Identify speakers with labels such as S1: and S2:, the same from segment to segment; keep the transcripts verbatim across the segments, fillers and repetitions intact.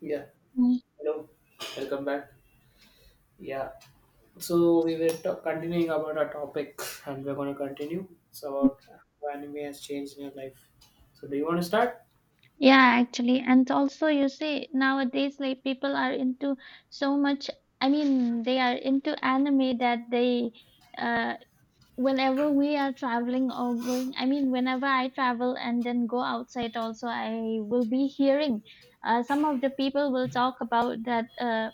S1: Yeah,
S2: Mm.
S1: hello, welcome back. Yeah. So we were to- continuing about our topic, and we're going to continue. It's about how anime has changed in your life. So do you want to start?
S2: Yeah, actually, and also you see nowadays like people are into so much. I mean, they are into anime that they, uh, whenever we are traveling or going. I mean, whenever I travel and then go outside, also I will be hearing. Uh, some of the people will talk about that. Uh,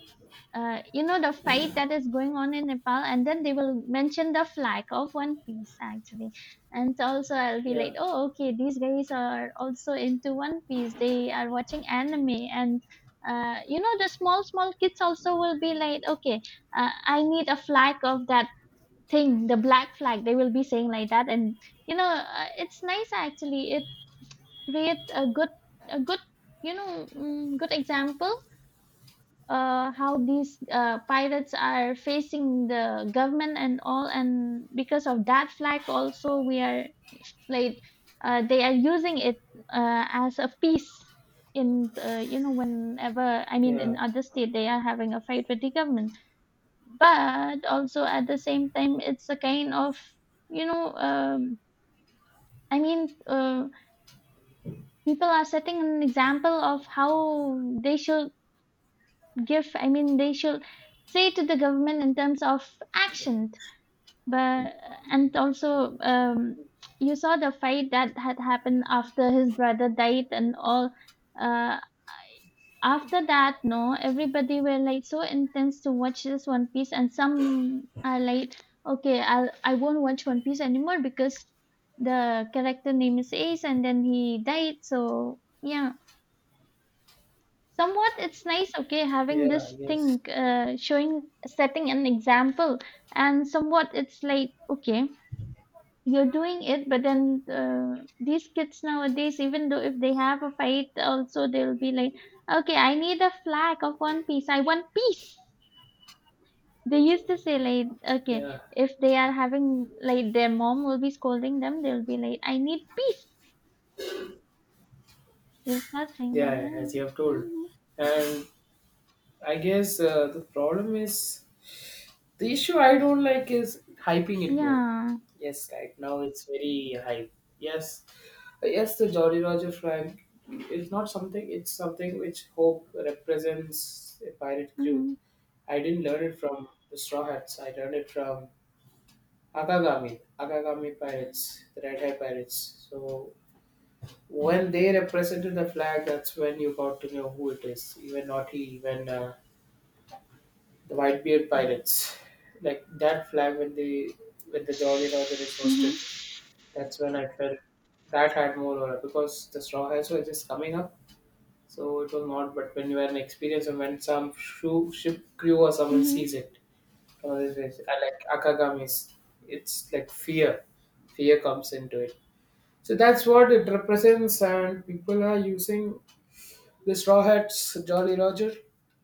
S2: uh, You know the fight that is going on in Nepal, and then they will mention the flag of One Piece actually, and also I'll be
S1: Yeah,
S2: like, oh okay, these guys are also into One Piece. They are watching anime, and uh, you know the small small kids also will be like, okay, uh, I need a flag of that thing, the black flag. They will be saying like that, and you know uh, it's nice actually. It create a good a good you know mm, good example uh, how these uh, pirates are facing the government and all, and because of that flag also we are like uh, they are using it uh, as a piece in uh, you know whenever I mean
S1: yeah,
S2: in other state they are having a fight with the government, but also at the same time it's a kind of you know um, I mean uh, people are setting an example of how they should give I mean they should say to the government in terms of action, but and also um, you saw the fight that had happened after his brother died and all uh, After that no everybody were like so intense to watch this one piece, and some are like okay i'll i won't watch one piece anymore because the character name is ace and then he died, so yeah somewhat it's nice okay having
S1: yeah.
S2: this
S1: Yes,
S2: thing uh, showing setting an example, and somewhat it's like okay you're doing it but then uh, these kids nowadays even though if they have a fight also they'll be like okay I need a flag of one piece I want peace. They used to say like okay
S1: yeah,
S2: if they are having like their mom will be scolding them they'll be like I need peace. They'll start saying that
S1: yeah.
S2: yeah
S1: As you have told,
S2: hmm
S1: and I guess uh, the problem is the issue I don't like is hyping it more.
S2: yeah
S1: Yes, right now it's very hype. Yes. Yes, the Jolly Roger flag is not something, it's something which Hope represents a pirate crew.
S2: hmm
S1: I didn't learn it from the Straw Hats, I learned it from Akagami, Akagami pirates, the Red Hair pirates. So when they represented the flag, that's when you got to know who it is. Even not he, even uh, the Whitebeard pirates. Like that flag when they when the Jolly Roger is
S2: hmm
S1: hosted, that's when I felt that had more aura because the Straw Hats were just coming up. So it was not, but when you are an experience and when some shoe ship crew or someone
S2: hmm
S1: sees it, or this is- I like akagamis, it's like fear. Fear comes into it. So that's what it represents, and people are using the straw hats, Jolly Roger,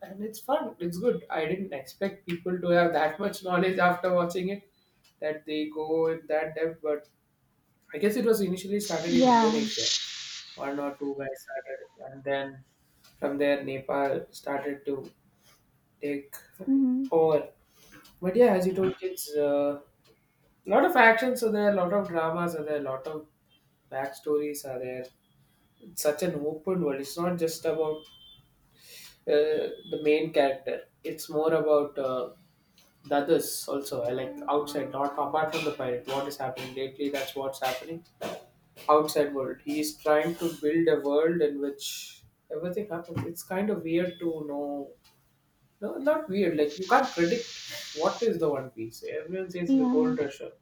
S1: and it's fun. It's good. I didn't expect people to have that much knowledge after watching it that they go in that depth, but I guess it was initially started in
S2: yeah
S1: Indonesia, one or two guys started, and then from there Nepal started to take
S2: Mhm.
S1: over. But yeah, as you told, it's a lot of action. So there are a lot of dramas are there, a lot of backstories are there. It's such an open world. It's not just about uh, the main character. It's more about uh, the others also. I like outside, not apart from the pirate. What is happening lately? That's what's happening outside world. He is trying to build a world in which everything happens. It's kind of weird to know. No, not weird. Like you can't predict what is the One Piece. Everyone says the
S2: Yeah.
S1: Gold Rusher.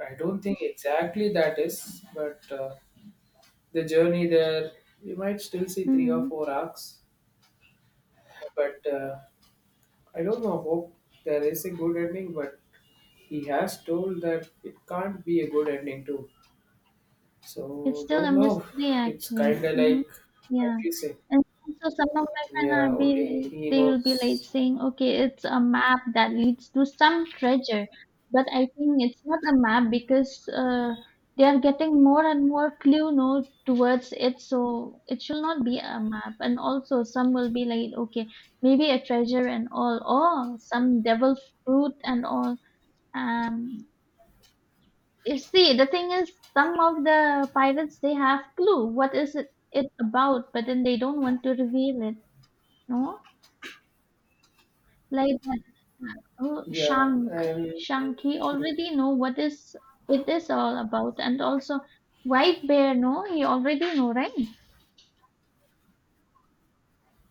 S1: I don't think exactly that is, but uh, the journey there, we might still see three or
S2: Mhm.
S1: four arcs. But uh, I don't know. Hope there is a good ending, but he has told that it can't be a good ending too.
S2: It's
S1: So
S2: still
S1: don't
S2: a
S1: know.
S2: mystery
S1: It's
S2: actually.
S1: kind of
S2: Mhm.
S1: like
S2: Yeah.
S1: confusing.
S2: And so some of my friends
S1: Yeah,
S2: are be
S1: only
S2: like,
S1: he
S2: they will be like
S1: knows.
S2: saying, okay, it's a map that leads to some treasure. But I think it's not a map because uh, they are getting more and more clue no towards it. So it should not be a map. And also some will be like, okay, maybe a treasure and all, or some devil fruit and all. Um, You see, the thing is, some of the pirates they have clue what is it, it about, but then they don't want to reveal it. No, like that. Oh,
S1: Yeah,
S2: Shank,
S1: and
S2: Shank, he already know what is it is all about, and also White Bear. No, he already know, right?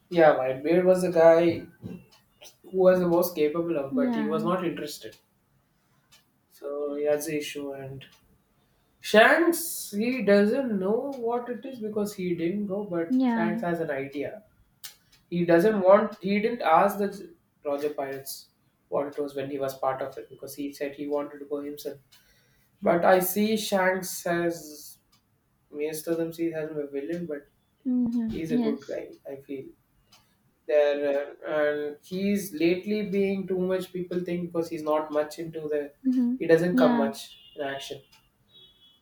S1: yeah, Whitebeard was a guy who was the most capable of, but he was
S2: Yeah,
S1: not interested. So he has the issue. And Shanks, he doesn't know what it is because he didn't go, but Shanks
S2: yeah.
S1: has an idea. He doesn't want, he didn't ask the Roger Pirates what it was when he was part of it because he said he wanted to go himself. But I see Shanks as, Maester them sees as a villain, but
S2: Mm-hmm.
S1: he's a good
S2: Yes.
S1: guy I feel there uh, and he's lately being too much people think because he's not much into the,
S2: Mm-hmm.
S1: he doesn't come
S2: Yeah,
S1: much in action,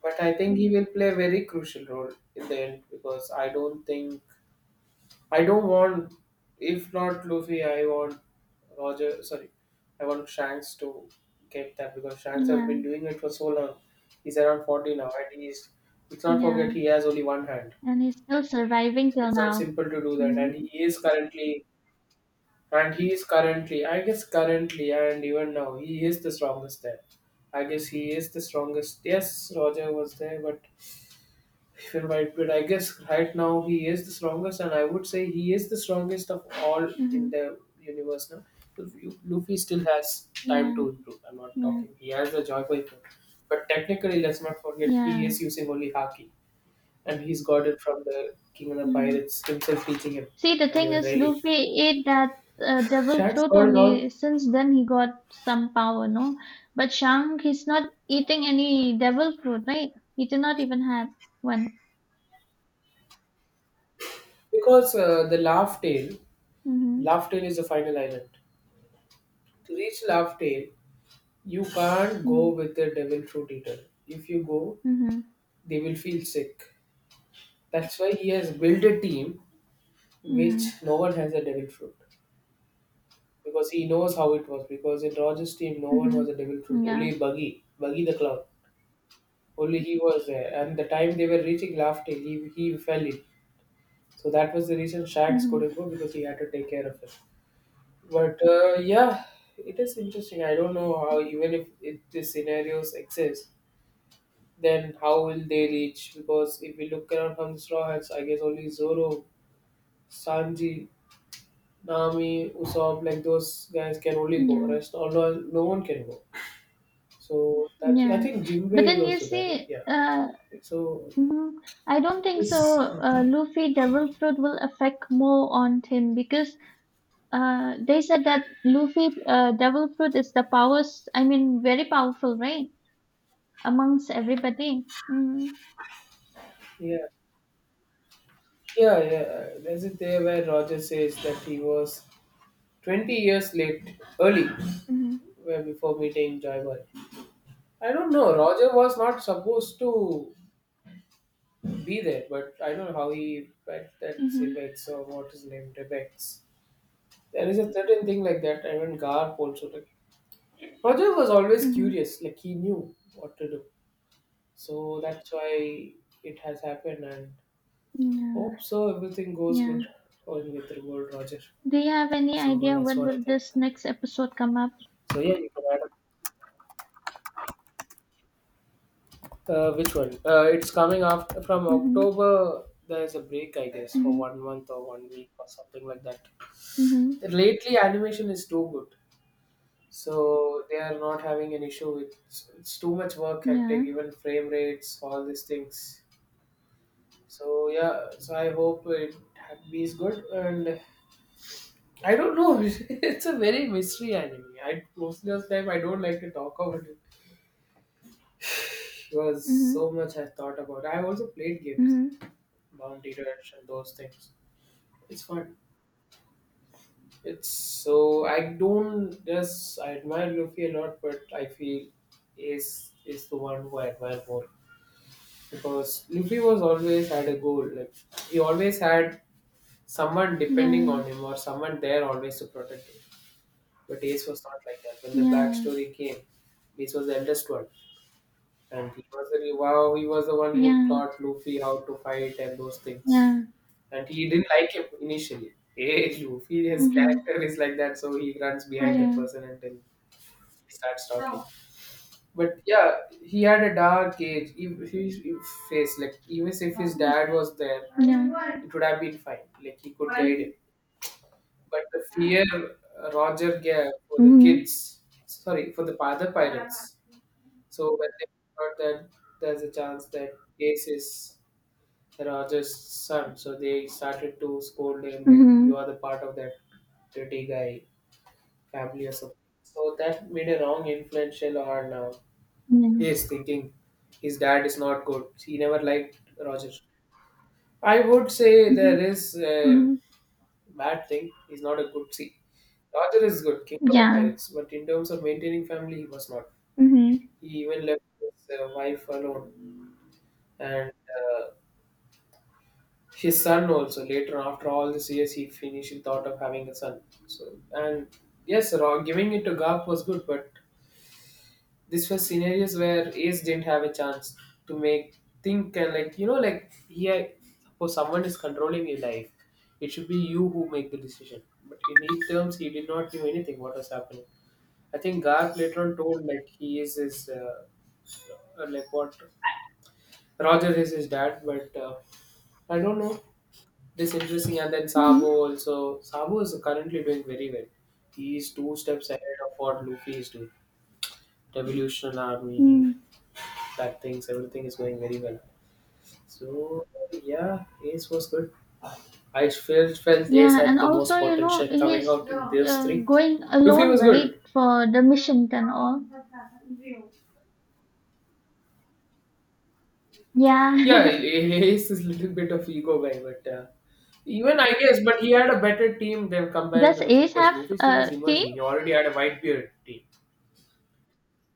S1: but I think he will play a very crucial role in the end because I don't think, I don't want, if not Luffy I want Roger, sorry, I want Shanks to get that because Shanks has been
S2: yeah,
S1: doing it for so long. He's around forty now and he's, let's not forget
S2: yeah.
S1: he has only one hand.
S2: And he's still surviving till
S1: It's not
S2: now.
S1: simple to do that,
S2: Mm-hmm.
S1: and he is currently And he is currently, I guess, currently and even now, he is the strongest there. I guess he is the strongest. Yes, Roger was there, but even right, but I guess right now he is the strongest, and I would say he is the strongest of all in
S2: Mm-hmm.
S1: the universe now. Lu- Luffy still has time
S2: Yeah,
S1: to improve. I'm not
S2: yeah,
S1: talking. He has the joy for improve. But technically, let's not forget he
S2: yeah.
S1: is using only Haki, and he's got it from the King of the
S2: Mm-hmm.
S1: Pirates himself teaching him,
S2: See, the
S1: and
S2: thing
S1: even
S2: is,
S1: Rayleigh.
S2: Luffy ate that uh, devil
S1: Shanks
S2: fruit
S1: got it all.
S2: only since then he got some power, no? But Shang, he's not eating any devil fruit, right? He did not even have one.
S1: Because uh, the Laugh Tale,
S2: Mm-hmm.
S1: Laugh Tale is the final island. To reach Laugh Tale, you can't go with the Devil Fruit Eater. If you go,
S2: Mm-hmm.
S1: they will feel sick. That's why he has built a team which
S2: Mm-hmm.
S1: no one has a Devil Fruit. Because he knows how it was. Because in Roger's team, no one was a Devil Fruit.
S2: Mm-hmm. Yeah.
S1: Only Buggy, Buggy the Clown. Only he was there. And the time they were reaching Laugh Tale, he, he fell in. So that was the reason Shax
S2: Mm-hmm.
S1: couldn't go because he had to take care of him. But uh, yeah, it is interesting. I don't know how, even if, if these scenarios exist, then how will they reach? Because if we look around from the Straw Hats, I guess only Zoro, Sanji, Nami, Usopp, like those guys can only go.
S2: Yeah.
S1: Rest, all no, no one can go. So that I
S2: Yeah.
S1: think
S2: But
S1: Jinbei is
S2: then you
S1: also there, right?
S2: see,
S1: Yeah.
S2: uh,
S1: So
S2: mhm, I don't think so.
S1: this,
S2: Uh, Luffy devil fruit will affect more on him because Uh, they said that Luffy, uh, Devil Fruit is the powers, I mean, very powerful, right? Amongst everybody. Mm-hmm.
S1: yeah, yeah, yeah. There's it there where Roger says that he was twenty years late, early,
S2: Mm-hmm.
S1: where before meeting Joy Boy. I don't know. Roger was not supposed to be there, but I don't know how he bet that
S2: Mm-hmm.
S1: Sebex or what his name Rebex. There is a certain thing like that. I mean, Garp also. Like, Roger was always
S2: Mm-hmm.
S1: curious. Like he knew what to do, so that's why it has happened. And
S2: Yeah.
S1: hope so. Everything goes
S2: Yeah.
S1: good on with the World Roger.
S2: Do you have any
S1: So
S2: idea
S1: that's
S2: when
S1: what I
S2: will
S1: think.
S2: this next episode come up?
S1: So yeah, you can add. Uh, which one? Uh, it's coming after from
S2: Mm-hmm.
S1: October. There's a break, I guess, for
S2: Mm-hmm.
S1: one month or one week or something like that.
S2: Mm-hmm.
S1: Lately, animation is too good, so they are not having an issue with it's, it's too much work, hectic,
S2: Yeah.
S1: even frame rates, all these things. So yeah, so I hope it is good, and I don't know. It's a very mystery anime. I most of the time I don't like to talk about it. It was so
S2: Mm-hmm.
S1: much I thought about. I also played games,
S2: Mm-hmm.
S1: Bounty Rush, and those things. It's fun. It's so I don't just I admire Luffy a lot, but I feel Ace is the one who I admire more because Luffy was always had a goal. Like he always had someone depending
S2: Yeah.
S1: on him or someone there always to protect him. But Ace was not like that. When the Black
S2: Yeah.
S1: Story came, Ace was the eldest one, and he was the wow. He was the one who
S2: Yeah.
S1: taught Luffy how to fight and those things.
S2: Yeah.
S1: And he didn't like him initially. Hey, Luffy, his
S2: Mm-hmm.
S1: character is like that, so he runs behind that
S2: Yeah.
S1: person until starts talking. But yeah, he had a dark age. If his if face, like even if his dad was there,
S2: Yeah.
S1: it would have been fine. Like he could guide him. But the fear uh, Roger gave for the
S2: Mm-hmm.
S1: kids, sorry, for the father pirates. So when they thought that there's a chance that Ace is the Roger's son, so they started to scold him like you
S2: Mm-hmm.
S1: are the part of that dirty guy family or something. So that made a wrong influential on uh, he
S2: Yeah.
S1: is thinking his dad is not good. He never liked Roger. I would say
S2: Mm-hmm.
S1: there is a
S2: Mm-hmm.
S1: bad thing. He's not a good see. Roger is good, king of the
S2: Yeah.
S1: pirates, but in terms of maintaining family, he was not.
S2: Mm-hmm.
S1: He even left his uh, wife alone and uh, his son also. Later, after all these years, he finished thought of having a son. So and yes, Ro- giving it to Garp was good, but this was scenarios where Ace didn't have a chance to make think and like you know like he had- for someone is controlling your life. It should be you who make the decision. But in his terms, he did not know anything. What was happening? I think Garth later on told like he is his uh, uh, like what Roger is his dad, but uh, I don't know. This interesting and then Sabo
S2: Mm-hmm.
S1: also. Sabo is currently doing very well. He is two steps ahead of what Luffy is doing. Revolutionary Army,
S2: Mm-hmm.
S1: that things everything is going very well. So yeah, Ace was good. I felt felt Ace
S2: Yeah,
S1: had
S2: and
S1: the
S2: also,
S1: most
S2: you know,
S1: potential coming
S2: he's
S1: out in those
S2: uh,
S1: three.
S2: going
S1: Luffy
S2: alone,
S1: was
S2: right,
S1: good.
S2: for the missions and all. Yeah.
S1: Yeah, Ace is a little bit of ego guy, but uh, even I guess, but he had a better team than compared
S2: Does
S1: to Luffy
S2: Ace
S1: because
S2: have
S1: Luffy's team was
S2: a team?
S1: emerging. He already had a Whitebeard team.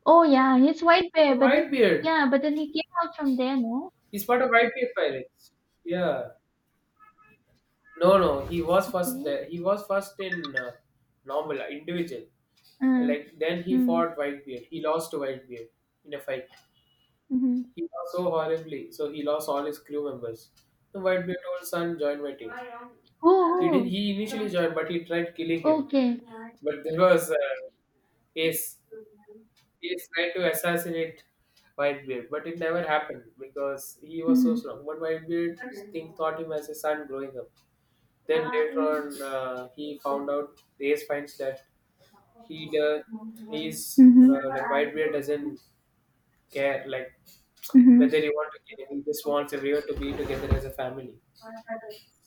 S2: Oh, yeah, he's White
S1: He
S2: Bear, but then,
S1: Whitebeard.
S2: yeah, but then he came out from there, no?
S1: He's part of Whitebeard Pirates. Yeah. No, no. He was first
S2: Okay.
S1: there. He was first in uh, normal uh, individual.
S2: Uh,
S1: Like then he
S2: mm,
S1: fought Whitebeard. He lost to Whitebeard in a fight.
S2: mm-hmm.
S1: He lost so horribly, so he lost all his crew members. The Whitebeard told son, join my team. He didn't.
S2: Oh,
S1: He initially joined, but he tried killing
S2: oh,
S1: him.
S2: okay.
S1: But there was uh, Ace. Ace tried to assassinate Whitebeard, but it never happened because he was so
S2: Mm-hmm.
S1: strong. But Whitebeard think thought him as a son growing up. Then later on, uh, he found out. Ace finds that he uh, he's uh, like
S2: Mm-hmm.
S1: Whitebeard doesn't care, like
S2: Mm-hmm.
S1: whether you want to, he just wants everyone to be together as a family.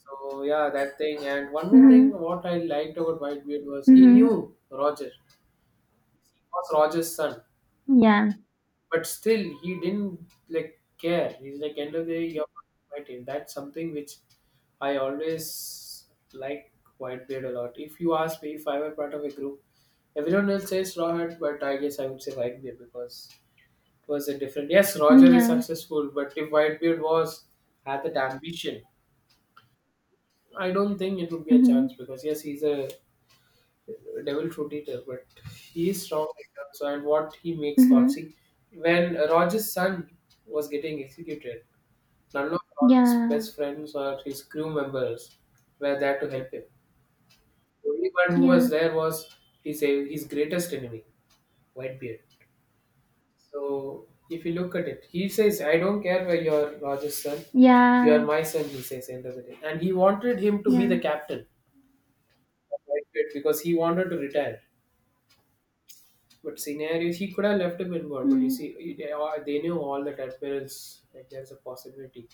S1: So yeah, that thing. And one more thing,
S2: Mm-hmm.
S1: what I liked about Whitebeard was he knew
S2: Mm-hmm.
S1: Roger. He was Roger's son,
S2: Yeah.
S1: but still he didn't like care. He's like, end of the day, you're my team. That's something which I always like Whitebeard a lot. If you ask me, if I were part of a group, everyone else says Rawhide, but I guess I would say Whitebeard, because was a different. Yes,
S2: mm,
S1: Roger is
S2: Yeah.
S1: successful, but if Whitebeard was had that ambition, I don't think it would be a
S2: Mm-hmm.
S1: chance, because yes, he's a devil fruit eater, but he is strong. In terms of- And what he makes thoughts.
S2: Mm-hmm.
S1: See, when Roger's son was getting executed, none of Roger's
S2: Yeah.
S1: best friends or his crew members were there to help him. The only one who was
S2: Yeah.
S1: there was his his greatest enemy, Whitebeard. So if you look at it, he says, I don't care where you're Roger's son, you're
S2: Yeah.
S1: my son, he says, end of the day. And he wanted him to be the
S2: Yeah.
S1: captain of Whitefield because he wanted to retire. But scenarios, he could have left him involved. But you
S2: Mm,
S1: see, they, all- they knew all that admirals, like there's a possibility.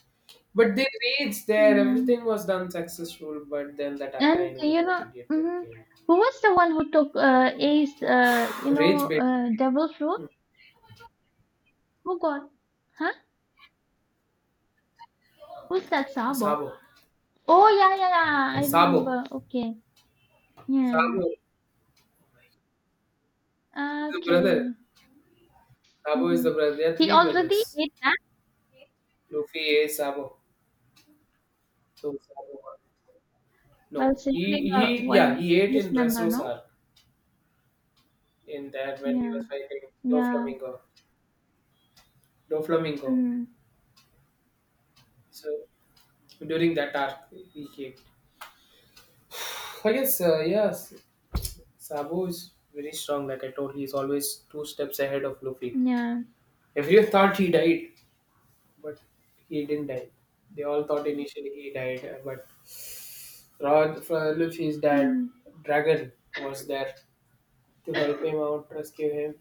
S1: But the raids there,
S2: yeah.
S1: everything was done successful. But then that
S2: And
S1: Akainu,
S2: you
S1: that
S2: know,
S1: idiot guy
S2: mhm,
S1: came.
S2: who was the one who took uh, Ace, uh, you
S1: Rage
S2: know,
S1: bait.
S2: uh, devil fruit?
S1: Hmm.
S2: Who got? Huh? Who's that Sabo?
S1: Sabo.
S2: Oh yeah, yeah, yeah. I
S1: Sabo.
S2: remember. Okay. Yeah.
S1: Sabo is the brother.
S2: Okay.
S1: Sabo is
S2: Mm-hmm.
S1: the brother. They are
S2: He
S1: three
S2: already
S1: brothers.
S2: ate that
S1: Luffy ate Sabo. So Sabo won.
S2: while
S1: No, he
S2: saving uh,
S1: he yeah,
S2: one
S1: he ate
S2: this
S1: in
S2: member, no?
S1: Dressrosa in that when he
S2: Yeah.
S1: was fighting
S2: Yeah.
S1: Doflamingo. Doflamingo.
S2: Mm,
S1: So during that arc he ate. I guess uh, yes, Sabo is very strong. Like I told, he's always two steps ahead of Luffy.
S2: yeah.
S1: Everyone thought he died, but he didn't die. They all thought initially he died, uh, but Rod, uh, Luffy's dad, Dragon, was there to help him out, rescue him.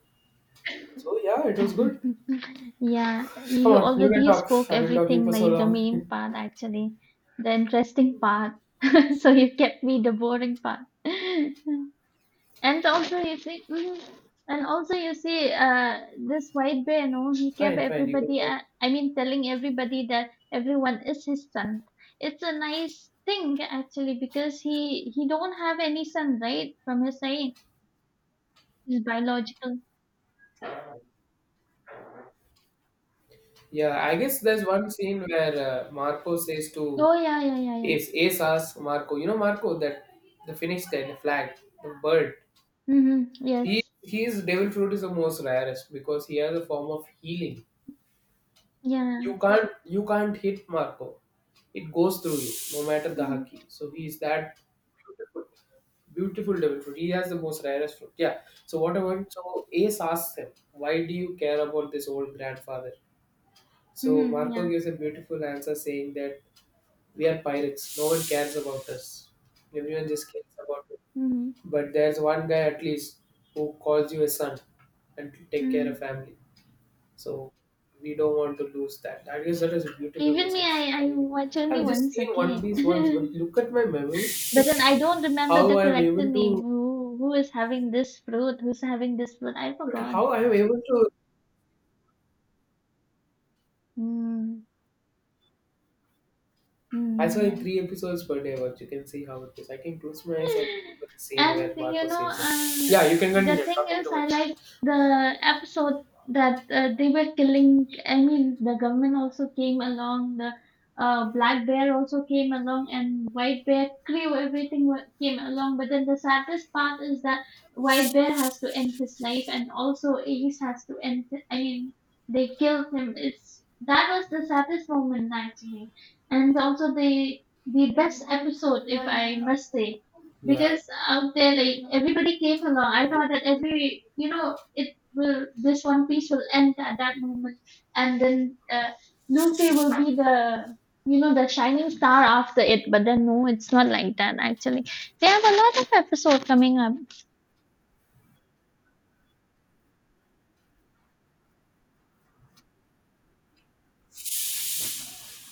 S1: So yeah, it was good.
S2: Yeah,
S1: Come
S2: you
S1: on, you can
S2: already
S1: talk.
S2: spoke
S1: I've been talking for
S2: everything,
S1: so
S2: like the main
S1: long.
S2: part, actually, the interesting part. So you kept me the boring part. And also, you see, mhm. and also, you see, uh, this white bear, no, he kept
S1: Fine, fine, you can
S2: everybody,
S1: talk.
S2: uh, I mean, telling everybody that everyone is his son. It's a nice thing, actually, because he he don't have any son, right? From his side, his biological.
S1: Yeah, I guess there's one scene where uh, Marco says to
S2: Oh, yeah, yeah, yeah, yeah.
S1: Ace. Ace asks Marco, you know Marco, that the Phoenix guy, the flag, the bird.
S2: Mm-hmm.
S1: He
S2: Yes.
S1: his devil fruit is the most rarest because he has a form of healing.
S2: Yeah.
S1: you can't you can't hit Marco. It goes through you, no matter the
S2: Mm-hmm.
S1: hockey. So he is that beautiful, beautiful double fruit. He has the most rarest fruit. Yeah. So what about so Ace asks him, why do you care about this old grandfather? So
S2: Mm-hmm.
S1: Marco
S2: Yeah.
S1: gives a beautiful answer saying that we are pirates. No one cares about us. Everyone just cares about it.
S2: Mm-hmm.
S1: But there's one guy at least who calls you a son and to take care
S2: Mm.
S1: of family. So we don't want to lose that. I guess that is a beautiful
S2: Even me,
S1: message
S2: I, I
S1: coming in.
S2: watch only
S1: I've just
S2: once,
S1: seen One
S2: okay.
S1: Piece once, but look at my memory,
S2: But then I don't remember
S1: how
S2: the
S1: I'm
S2: character
S1: able
S2: name.
S1: to,
S2: Who who is having this fruit? Who's having this fruit? I forgot.
S1: how I'm able to.
S2: Mm.
S1: I
S2: Mm.
S1: saw three episodes per day, but you can see how it is. I can close my eyes and remember the scene where
S2: And you
S1: Marco
S2: know,
S1: says it. Yeah,
S2: uh,
S1: you can
S2: the
S1: continue
S2: thing
S1: talking too
S2: is, I
S1: much.
S2: like the episode that uh, they were killing. I mean, the government also came along, the uh, black bear also came along, and white bear crew, everything wa- came along. But then the saddest part is that white bear has to end his life, and also Ace has to end. I mean, they killed him. It's that was the saddest moment actually, and also the the best episode, if I must say
S1: Yeah,
S2: because out there like everybody came along I
S1: yeah,
S2: thought that every you know it will this one piece will end at that moment, and then uh, Luffy will be the you know the shining star after it, but then no it's not like that actually. They have a lot of episode coming up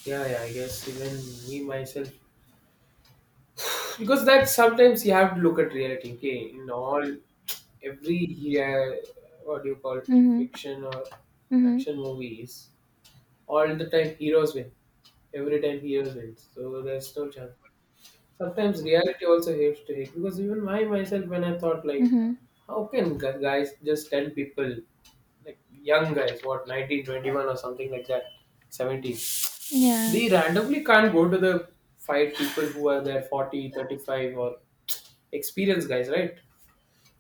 S1: yeah. Yeah, I guess even me myself because that sometimes you have to look at reality, okay, in all every uh, what do you call it,
S2: mm-hmm
S1: fiction or
S2: mm-hmm
S1: action movies, all the time heroes win, every time heroes win, so there's no chance. Sometimes reality also helps to hit, because even my myself when I thought like,
S2: mm-hmm
S1: how can gu- guys just tell people like young guys what nineteen twenty-one or something like that, seventeen,
S2: yeah
S1: they randomly can't go to the fight people who are there forty thirty-five or experience guys, right?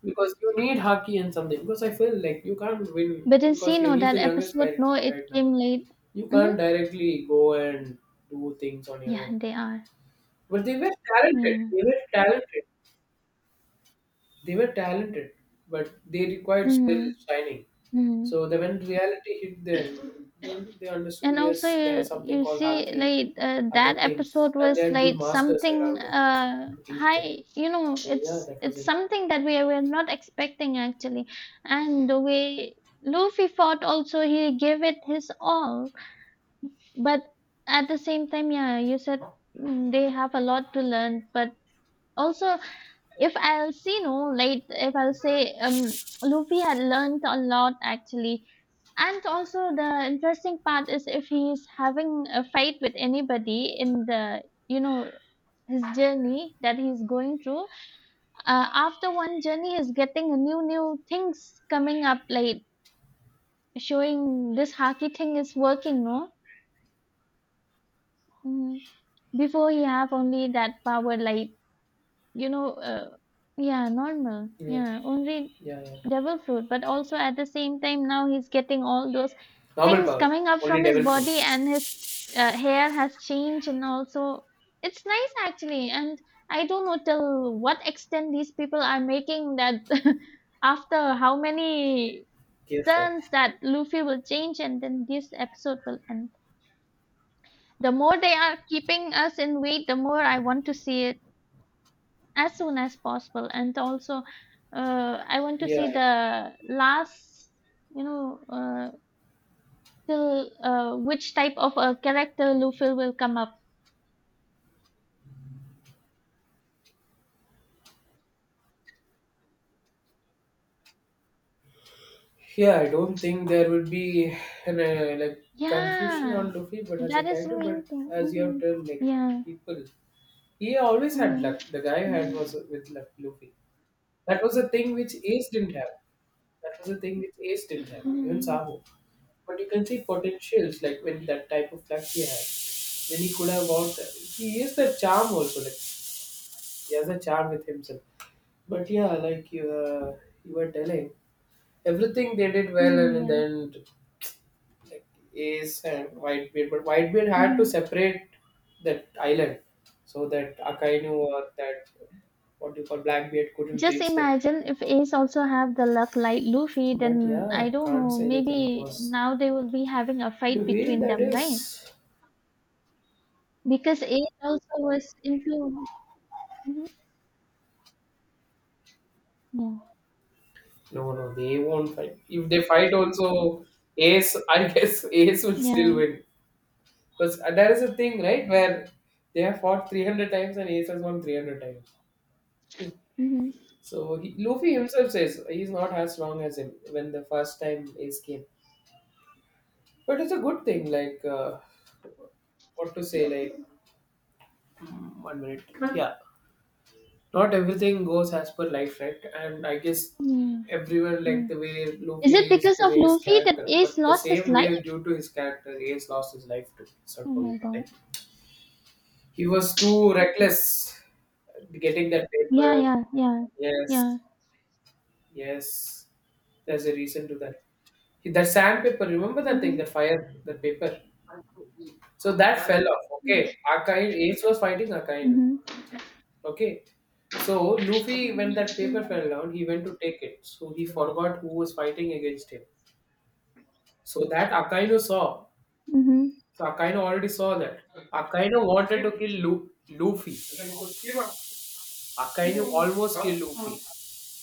S1: Because you need Haki and something. Because I feel like you can't win
S2: but in see
S1: because you-
S2: no
S1: he's
S2: that
S1: the youngest
S2: episode
S1: pirate
S2: no it
S1: right now.
S2: came late
S1: You
S2: mm-hmm
S1: can't directly go and do things on your
S2: yeah
S1: own.
S2: they are
S1: But they were talented.
S2: yeah
S1: They were talented. They were talented, but they required still
S2: mm-hmm
S1: shining.
S2: mm-hmm
S1: So then when reality hit them, then they understood,
S2: And also,
S1: yes, there is
S2: you,
S1: something
S2: you
S1: called
S2: see,
S1: Haki,
S2: like uh,
S1: other
S2: that
S1: things,
S2: episode
S1: and they
S2: was
S1: had good
S2: like
S1: masters
S2: something
S1: around them
S2: uh
S1: to teach them.
S2: high. You know,
S1: So yeah,
S2: it's
S1: that was
S2: it's
S1: it.
S2: something that we were not expecting actually. And the way Luffy fought, also he gave it his all. But at the same time, yeah, you said mm, they have a lot to learn. But also, if I'll see no like if I'll say um Luffy had learned a lot actually, and also the interesting part is if he's having a fight with anybody in the you know his journey that he's going through uh, after one journey he's getting a new new things coming up like showing this haki thing is working no Mm. before he have only that power like you know, uh, yeah, normal.
S1: Yeah,
S2: Yeah, only
S1: yeah, yeah.
S2: devil fruit. But also at the same time, now he's getting all those
S1: Normal
S2: things
S1: power.
S2: coming up
S1: Only
S2: from his
S1: level four.
S2: body, and his uh, hair has changed, and also it's nice actually. And I don't know till what extent these people are making that after how many
S1: Yes, sir.
S2: turns that Luffy will change, and then this episode will end. The more they are keeping us in wait, the more I want to see it as soon as possible, and also uh, I want to
S1: Yeah.
S2: see the last you know uh, till uh, which type of a character Luffy will come up
S1: Yeah, I don't think there would be an, uh, like confusion
S2: yeah
S1: on Luffy, but as a
S2: that is the
S1: character,
S2: main
S1: but
S2: thing
S1: as you have
S2: hmm
S1: told, like
S2: yeah
S1: people, he always had
S2: hmm
S1: luck. The guy had
S2: hmm
S1: was with luck, Luffy. That was a thing which Ace didn't have. That was a thing which Ace didn't have. Even
S2: hmm
S1: Sabo. But you can see potentials like when that type of luck he had. When he could have walked, he is the charm also. Like he has a charm with himself. But yeah, like you, uh, you were telling, everything they did well, and
S2: hmm
S1: in the
S2: yeah
S1: end, like Ace and Whitebeard. But Whitebeard had to
S2: hmm
S1: separate that island so that Akainu or that what do you call Blackbeard couldn't
S2: just
S1: reach them.
S2: imagine if ace also have the luck like luffy
S1: But
S2: then I
S1: yeah,
S2: don't
S1: can't
S2: know
S1: say anything. It
S2: maybe
S1: was
S2: now they will be having a
S1: the
S2: fight
S1: way
S2: between
S1: that
S2: them right
S1: is.
S2: because ace also was influenced Mm-hmm. Yeah.
S1: No, no, they won't fight. If they fight, also Ace, I guess Ace will
S2: Yeah.
S1: still win. Because there is a thing, right, where they have fought three hundred times and Ace has won three hundred times.
S2: hmm
S1: So he, Luffy himself says he's not as strong as him when the first time Ace came. But it's a good thing, like, uh, what to say, like, mm, one minute. Yeah. Not everything goes as per life, right? And I guess
S2: Yeah.
S1: everyone like
S2: Yeah.
S1: the way
S2: Is it
S1: Luffy is,
S2: because
S1: the
S2: of
S1: way his
S2: Luffy that
S1: character, but
S2: Ace
S1: the
S2: lost his
S1: same
S2: life?
S1: way due to his character, Ace lost his life too. Let's not
S2: Oh
S1: forget.
S2: my god.
S1: Like, he was too reckless getting that
S2: Yeah,
S1: paper.
S2: yeah, yeah.
S1: Yes,
S2: Yeah.
S1: yes. There's a reason to that. That sandpaper, remember that thing, that
S2: Mm-hmm.
S1: fire, that paper. So that fell off. Okay, Akainu, Ace was fighting Akainu.
S2: Mm-hmm.
S1: Okay, so Luffy, when that paper fell down, he went to take it. So he forgot who was fighting against him. So that Akainu saw.
S2: Mm-hmm.
S1: So Akainu already saw that. Akainu wanted to kill Lu- Luffy. Akainu almost killed Luffy.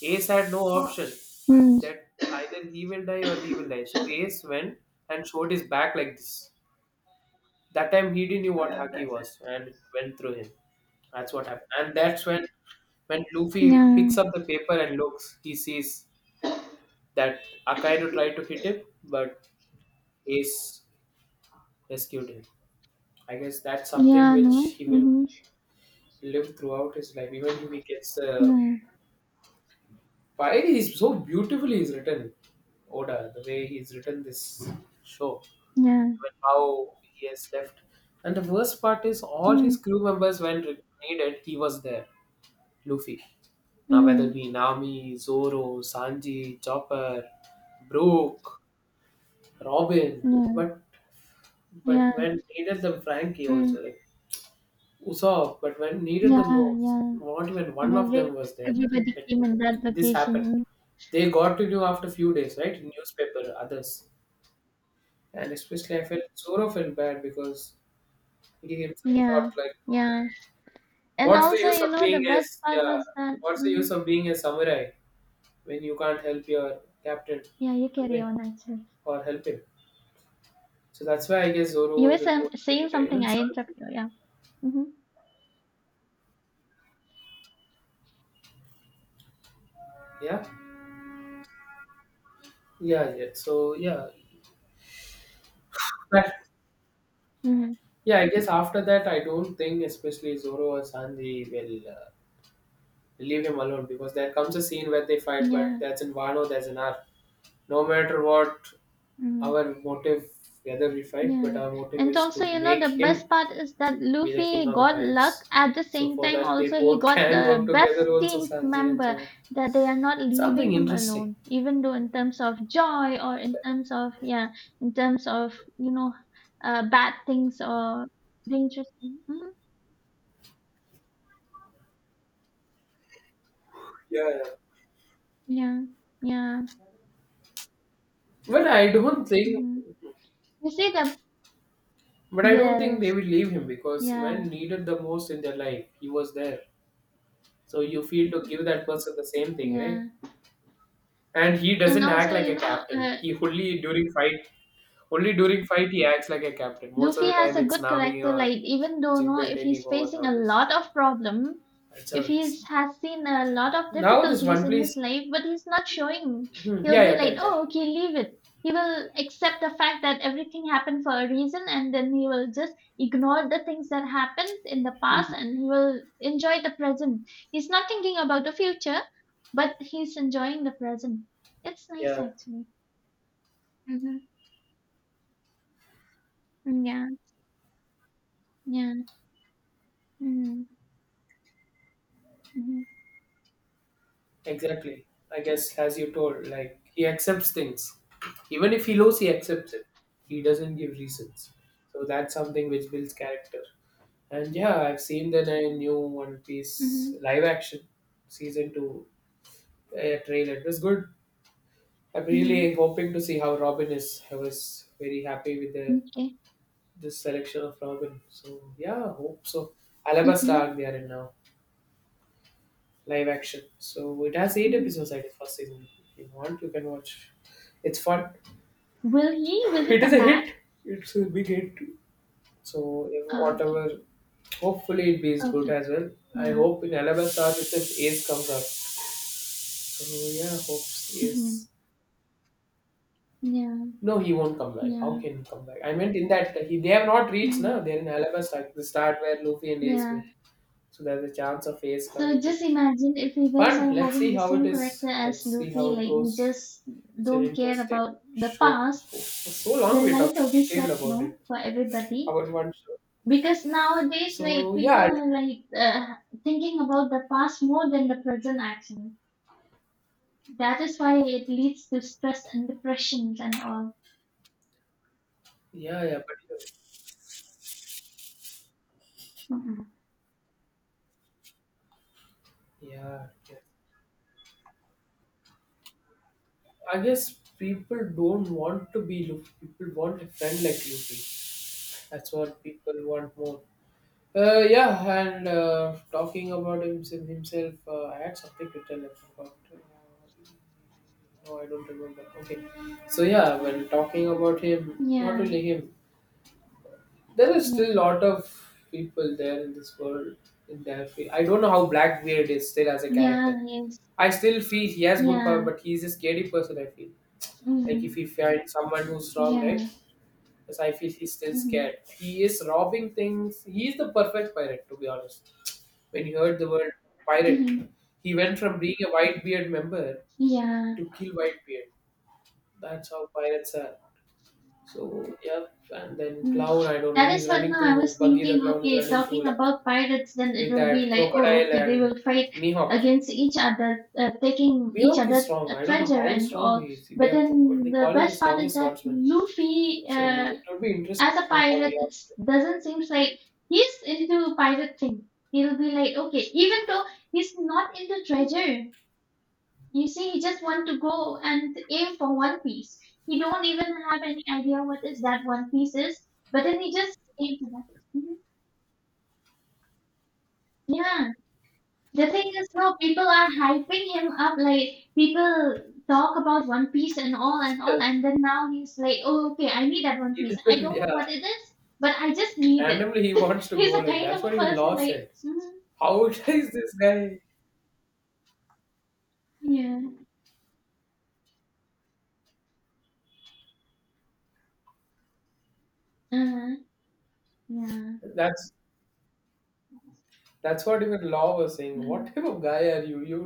S1: Ace had no option
S2: Mm.
S1: that either he will die or he will die. So Ace went and showed his back like this. That time he didn't know what Haki was and it went through him. That's what happened. And that's when when Luffy
S2: Yeah.
S1: picks up the paper and looks, he sees that Akainu tried to hit him, but Ace rescued him. I guess that's something
S2: Yeah, no.
S1: which he will
S2: Mm-hmm.
S1: live throughout his life. Even if he gets the.
S2: Yeah.
S1: Why he's so beautifully he's written, Oda, the way he's written this show,
S2: Yeah.
S1: and how he has left. And the worst part is all his
S2: Mm.
S1: crew members when re- needed, he was there. Luffy. Now whether
S2: Mm-hmm.
S1: it be Nami, Zoro, Sanji, Chopper, Brook, Robin,
S2: Yeah.
S1: but but
S2: Yeah.
S1: when needed them Frankie
S2: Mm.
S1: also. Like, Usopp, but when needed the
S2: Yeah,
S1: most,
S2: yeah.
S1: not even
S2: And
S1: one of
S2: every
S1: them was there.
S2: everybody
S1: Like
S2: came in that
S1: this happened.
S2: location.
S1: They got to know after few days, right? Newspaper, others. And especially I felt Zoro felt bad because he
S2: Mm.
S1: himself thought
S2: Yeah.
S1: like,
S2: Yeah. And
S1: what's the
S2: also,
S1: use
S2: you
S1: of
S2: know, the
S1: being
S2: best
S1: as
S2: part
S1: yeah,
S2: was that.
S1: what's the use
S2: Hmm
S1: of being a samurai when you can't help your captain
S2: Yeah, you
S1: to
S2: carry
S1: win
S2: on actually.
S1: or help him? So that's why I guess Zoro
S2: You were
S1: was
S2: some,
S1: removed.
S2: saying
S1: Even
S2: something, I interrupt
S1: Sanji.
S2: you. Yeah. Mm-hmm.
S1: Yeah. Yeah, yeah. So yeah. That.
S2: Mm-hmm.
S1: Yeah, I guess after that, I don't think especially Zoro or Sanji will uh, leave him alone because there comes a scene where they fight, but
S2: Yeah.
S1: that's in Wano, that's in our. No matter what
S2: Mm-hmm.
S1: our motive, whether we fight, but
S2: Yeah.
S1: our motive
S2: And
S1: is to
S2: also, you know,
S1: make
S2: the best
S1: him
S2: part is that
S1: be the king
S2: Luffy
S1: of the
S2: got luck.
S1: pirates.
S2: At the
S1: So
S2: same
S1: for
S2: time,
S1: that, they
S2: also, he
S1: both
S2: got
S1: can work
S2: the
S1: together
S2: best
S1: also,
S2: team
S1: Sanji and
S2: member
S1: Zoro.
S2: that they are not leaving
S1: Something
S2: him
S1: interesting.
S2: alone, even though in terms of joy or in terms of, yeah, in terms of, you know, uh, bad things or dangerous. Mm-hmm.
S1: Yeah, yeah.
S2: Yeah. Yeah.
S1: But I don't think,
S2: Mm-hmm. You see the,
S1: but I don't think they
S2: yes.
S1: will leave him because
S2: Yeah.
S1: when needed the most in their life, he was there. So you feel to give that person the same thing, right?
S2: Yeah.
S1: And he
S2: And
S1: doesn't
S2: also,
S1: act like
S2: you
S1: a
S2: know,
S1: captain.
S2: uh,
S1: He only during fight, only during fight he acts like a captain. Most of
S2: Luffy
S1: the
S2: has
S1: time
S2: a
S1: it's
S2: good
S1: Nami
S2: character.
S1: or
S2: Like, even though no,
S1: Jinbei
S2: if
S1: taking
S2: he's
S1: over
S2: facing a
S1: nowadays.
S2: lot of problem,
S1: That's how
S2: if
S1: it is.
S2: he's has seen a lot of
S1: Now this
S2: difficulties
S1: one
S2: in
S1: place.
S2: his life, but he's not showing.
S1: Hmm, yeah,
S2: He'll be
S1: yeah,
S2: like,
S1: tell, tell.
S2: oh, okay, leave it. He will accept the fact that everything happened for a reason, and then he will just ignore the things that happened in the past,
S1: Mhm.
S2: and he will enjoy the present. He's not thinking about the future, but he's enjoying the present. It's nice
S1: Yeah,
S2: actually. Mm-hmm. Mm, Yeah, yeah. Mm. Mhm,
S1: exactly. I guess as you told, like he accepts things. Even if he loses, he accepts it. He doesn't give reasons. So that's something which builds character. And yeah, I've seen that I new One Piece
S2: mhm,
S1: live action season two uh, trailer. It was good. I'm
S2: mhm.
S1: really hoping to see how Robin is. I was very happy with the
S2: M'kay.
S1: this selection of Robin. So yeah, hope so. Alabasta arc
S2: Mhm,
S1: they are in now, live action. So it has eight
S2: mhm.
S1: episodes, I guess, first season. If you want, you can watch. It's fun.
S2: Will he will he
S1: It is
S2: come
S1: a
S2: back?
S1: hit. It's a big hit. So if
S2: Oh, okay,
S1: whatever, hopefully it be as good
S2: okay.
S1: as well. I
S2: Yeah.
S1: hope in Alabasta if this Ace comes up. So yeah, hopes
S2: Mhm.
S1: Ace.
S2: Yeah,
S1: No, he won't come back. How
S2: yeah.
S1: can he come back? I meant in that he they have not reached now.
S2: Mhm.
S1: They're in Alabama like the start where Luffy and Ace
S2: Yeah.
S1: meet. So there's a chance of Ace
S2: So
S1: coming too.
S2: just imagine if you guys
S1: Fun.
S2: are
S1: Let's
S2: having
S1: see
S2: the
S1: how it
S2: same character
S1: is.
S2: as
S1: Let's see
S2: Luffy,
S1: how it
S2: like you
S1: goes.
S2: just
S1: It's an
S2: don't care
S1: interesting
S2: about the
S1: show.
S2: past,
S1: For so long
S2: then
S1: we
S2: life
S1: talked
S2: will be
S1: detailed
S2: set,
S1: about
S2: no,
S1: it.
S2: for everybody.
S1: About one show.
S2: Because nowadays, like
S1: So
S2: people
S1: yeah, I-
S2: are like uh, thinking about the past more than the present actually. That is why it leads to stress and depressions and all.
S1: yeah, yeah, but
S2: Mm-mm.
S1: yeah, yeah. I guess people don't want to be Luffy. People want a friend like Luffy. That's what people want more. Uh, yeah, and uh, talking about himself, himself uh, I had something to tell him, forgot. Uh, no, I don't remember. Okay, so yeah, when talking about him, not
S2: Yeah,
S1: only him, there are still a
S2: yeah,
S1: lot of people there in this world in their field. I don't know how Blackbeard is still as a
S2: yeah,
S1: character.
S2: yes,
S1: I still feel he has good power,
S2: yeah,
S1: but he's a scary person. I feel like if
S2: mm,
S1: he finds someone who's strong,
S2: yeah,
S1: right? Because I feel he's still scared.
S2: mm,
S1: He is robbing things. He's the perfect pirate, to be honest, when he heard the word pirate,
S2: mm,
S1: he went from being a Whitebeard member
S2: yeah.
S1: to kill Whitebeard. That's how pirates are. So, yeah, and then
S2: Mm.
S1: Clown, I don't know,
S2: That is
S1: he's
S2: what
S1: running
S2: now I
S1: through,
S2: was
S1: Buggy the
S2: thinking.
S1: Clown is
S2: Okay,
S1: running through
S2: talking
S1: Luck
S2: about pirates, then it
S1: with
S2: will be
S1: that
S2: like, oh,
S1: Crocodile
S2: okay, they
S1: and
S2: will fight
S1: Mihawk.
S2: against each other, uh, taking each
S1: Mihawk is
S2: other
S1: strong.
S2: uh,
S1: I don't know
S2: treasure
S1: how
S2: and
S1: strong
S2: all.
S1: he is. They,
S2: But
S1: are, they
S2: then the
S1: call him the
S2: best part is
S1: strongest
S2: that
S1: swordsman.
S2: Luffy,
S1: So,
S2: uh,
S1: it would be interesting
S2: as a
S1: to see how
S2: pirate,
S1: Mihawk
S2: it doesn't seem like he's into pirate thing. He'll be like, okay, even though he's not into treasure, you see, he just want to go and aim for one piece. He don't even have any idea what is that one piece is, but then he just aim for that. Mhm. Yeah, the thing is, no, people are hyping him up. Like people talk about One Piece and all and all,
S1: plays.
S2: and then now he's like, oh, okay, I need that One
S1: He
S2: Piece. I
S1: doesn't,
S2: don't
S1: yeah.
S2: know what it is, but I just need it.
S1: Randomly, he wants to
S2: He's
S1: go,
S2: a
S1: like
S2: kind of
S1: that's
S2: a
S1: what even
S2: person
S1: Law
S2: like,
S1: said.
S2: mm,
S1: How is this guy?
S2: yeah, uh, yeah,
S1: That's That's what even Law was saying. What
S2: mhm.
S1: type of guy are you? You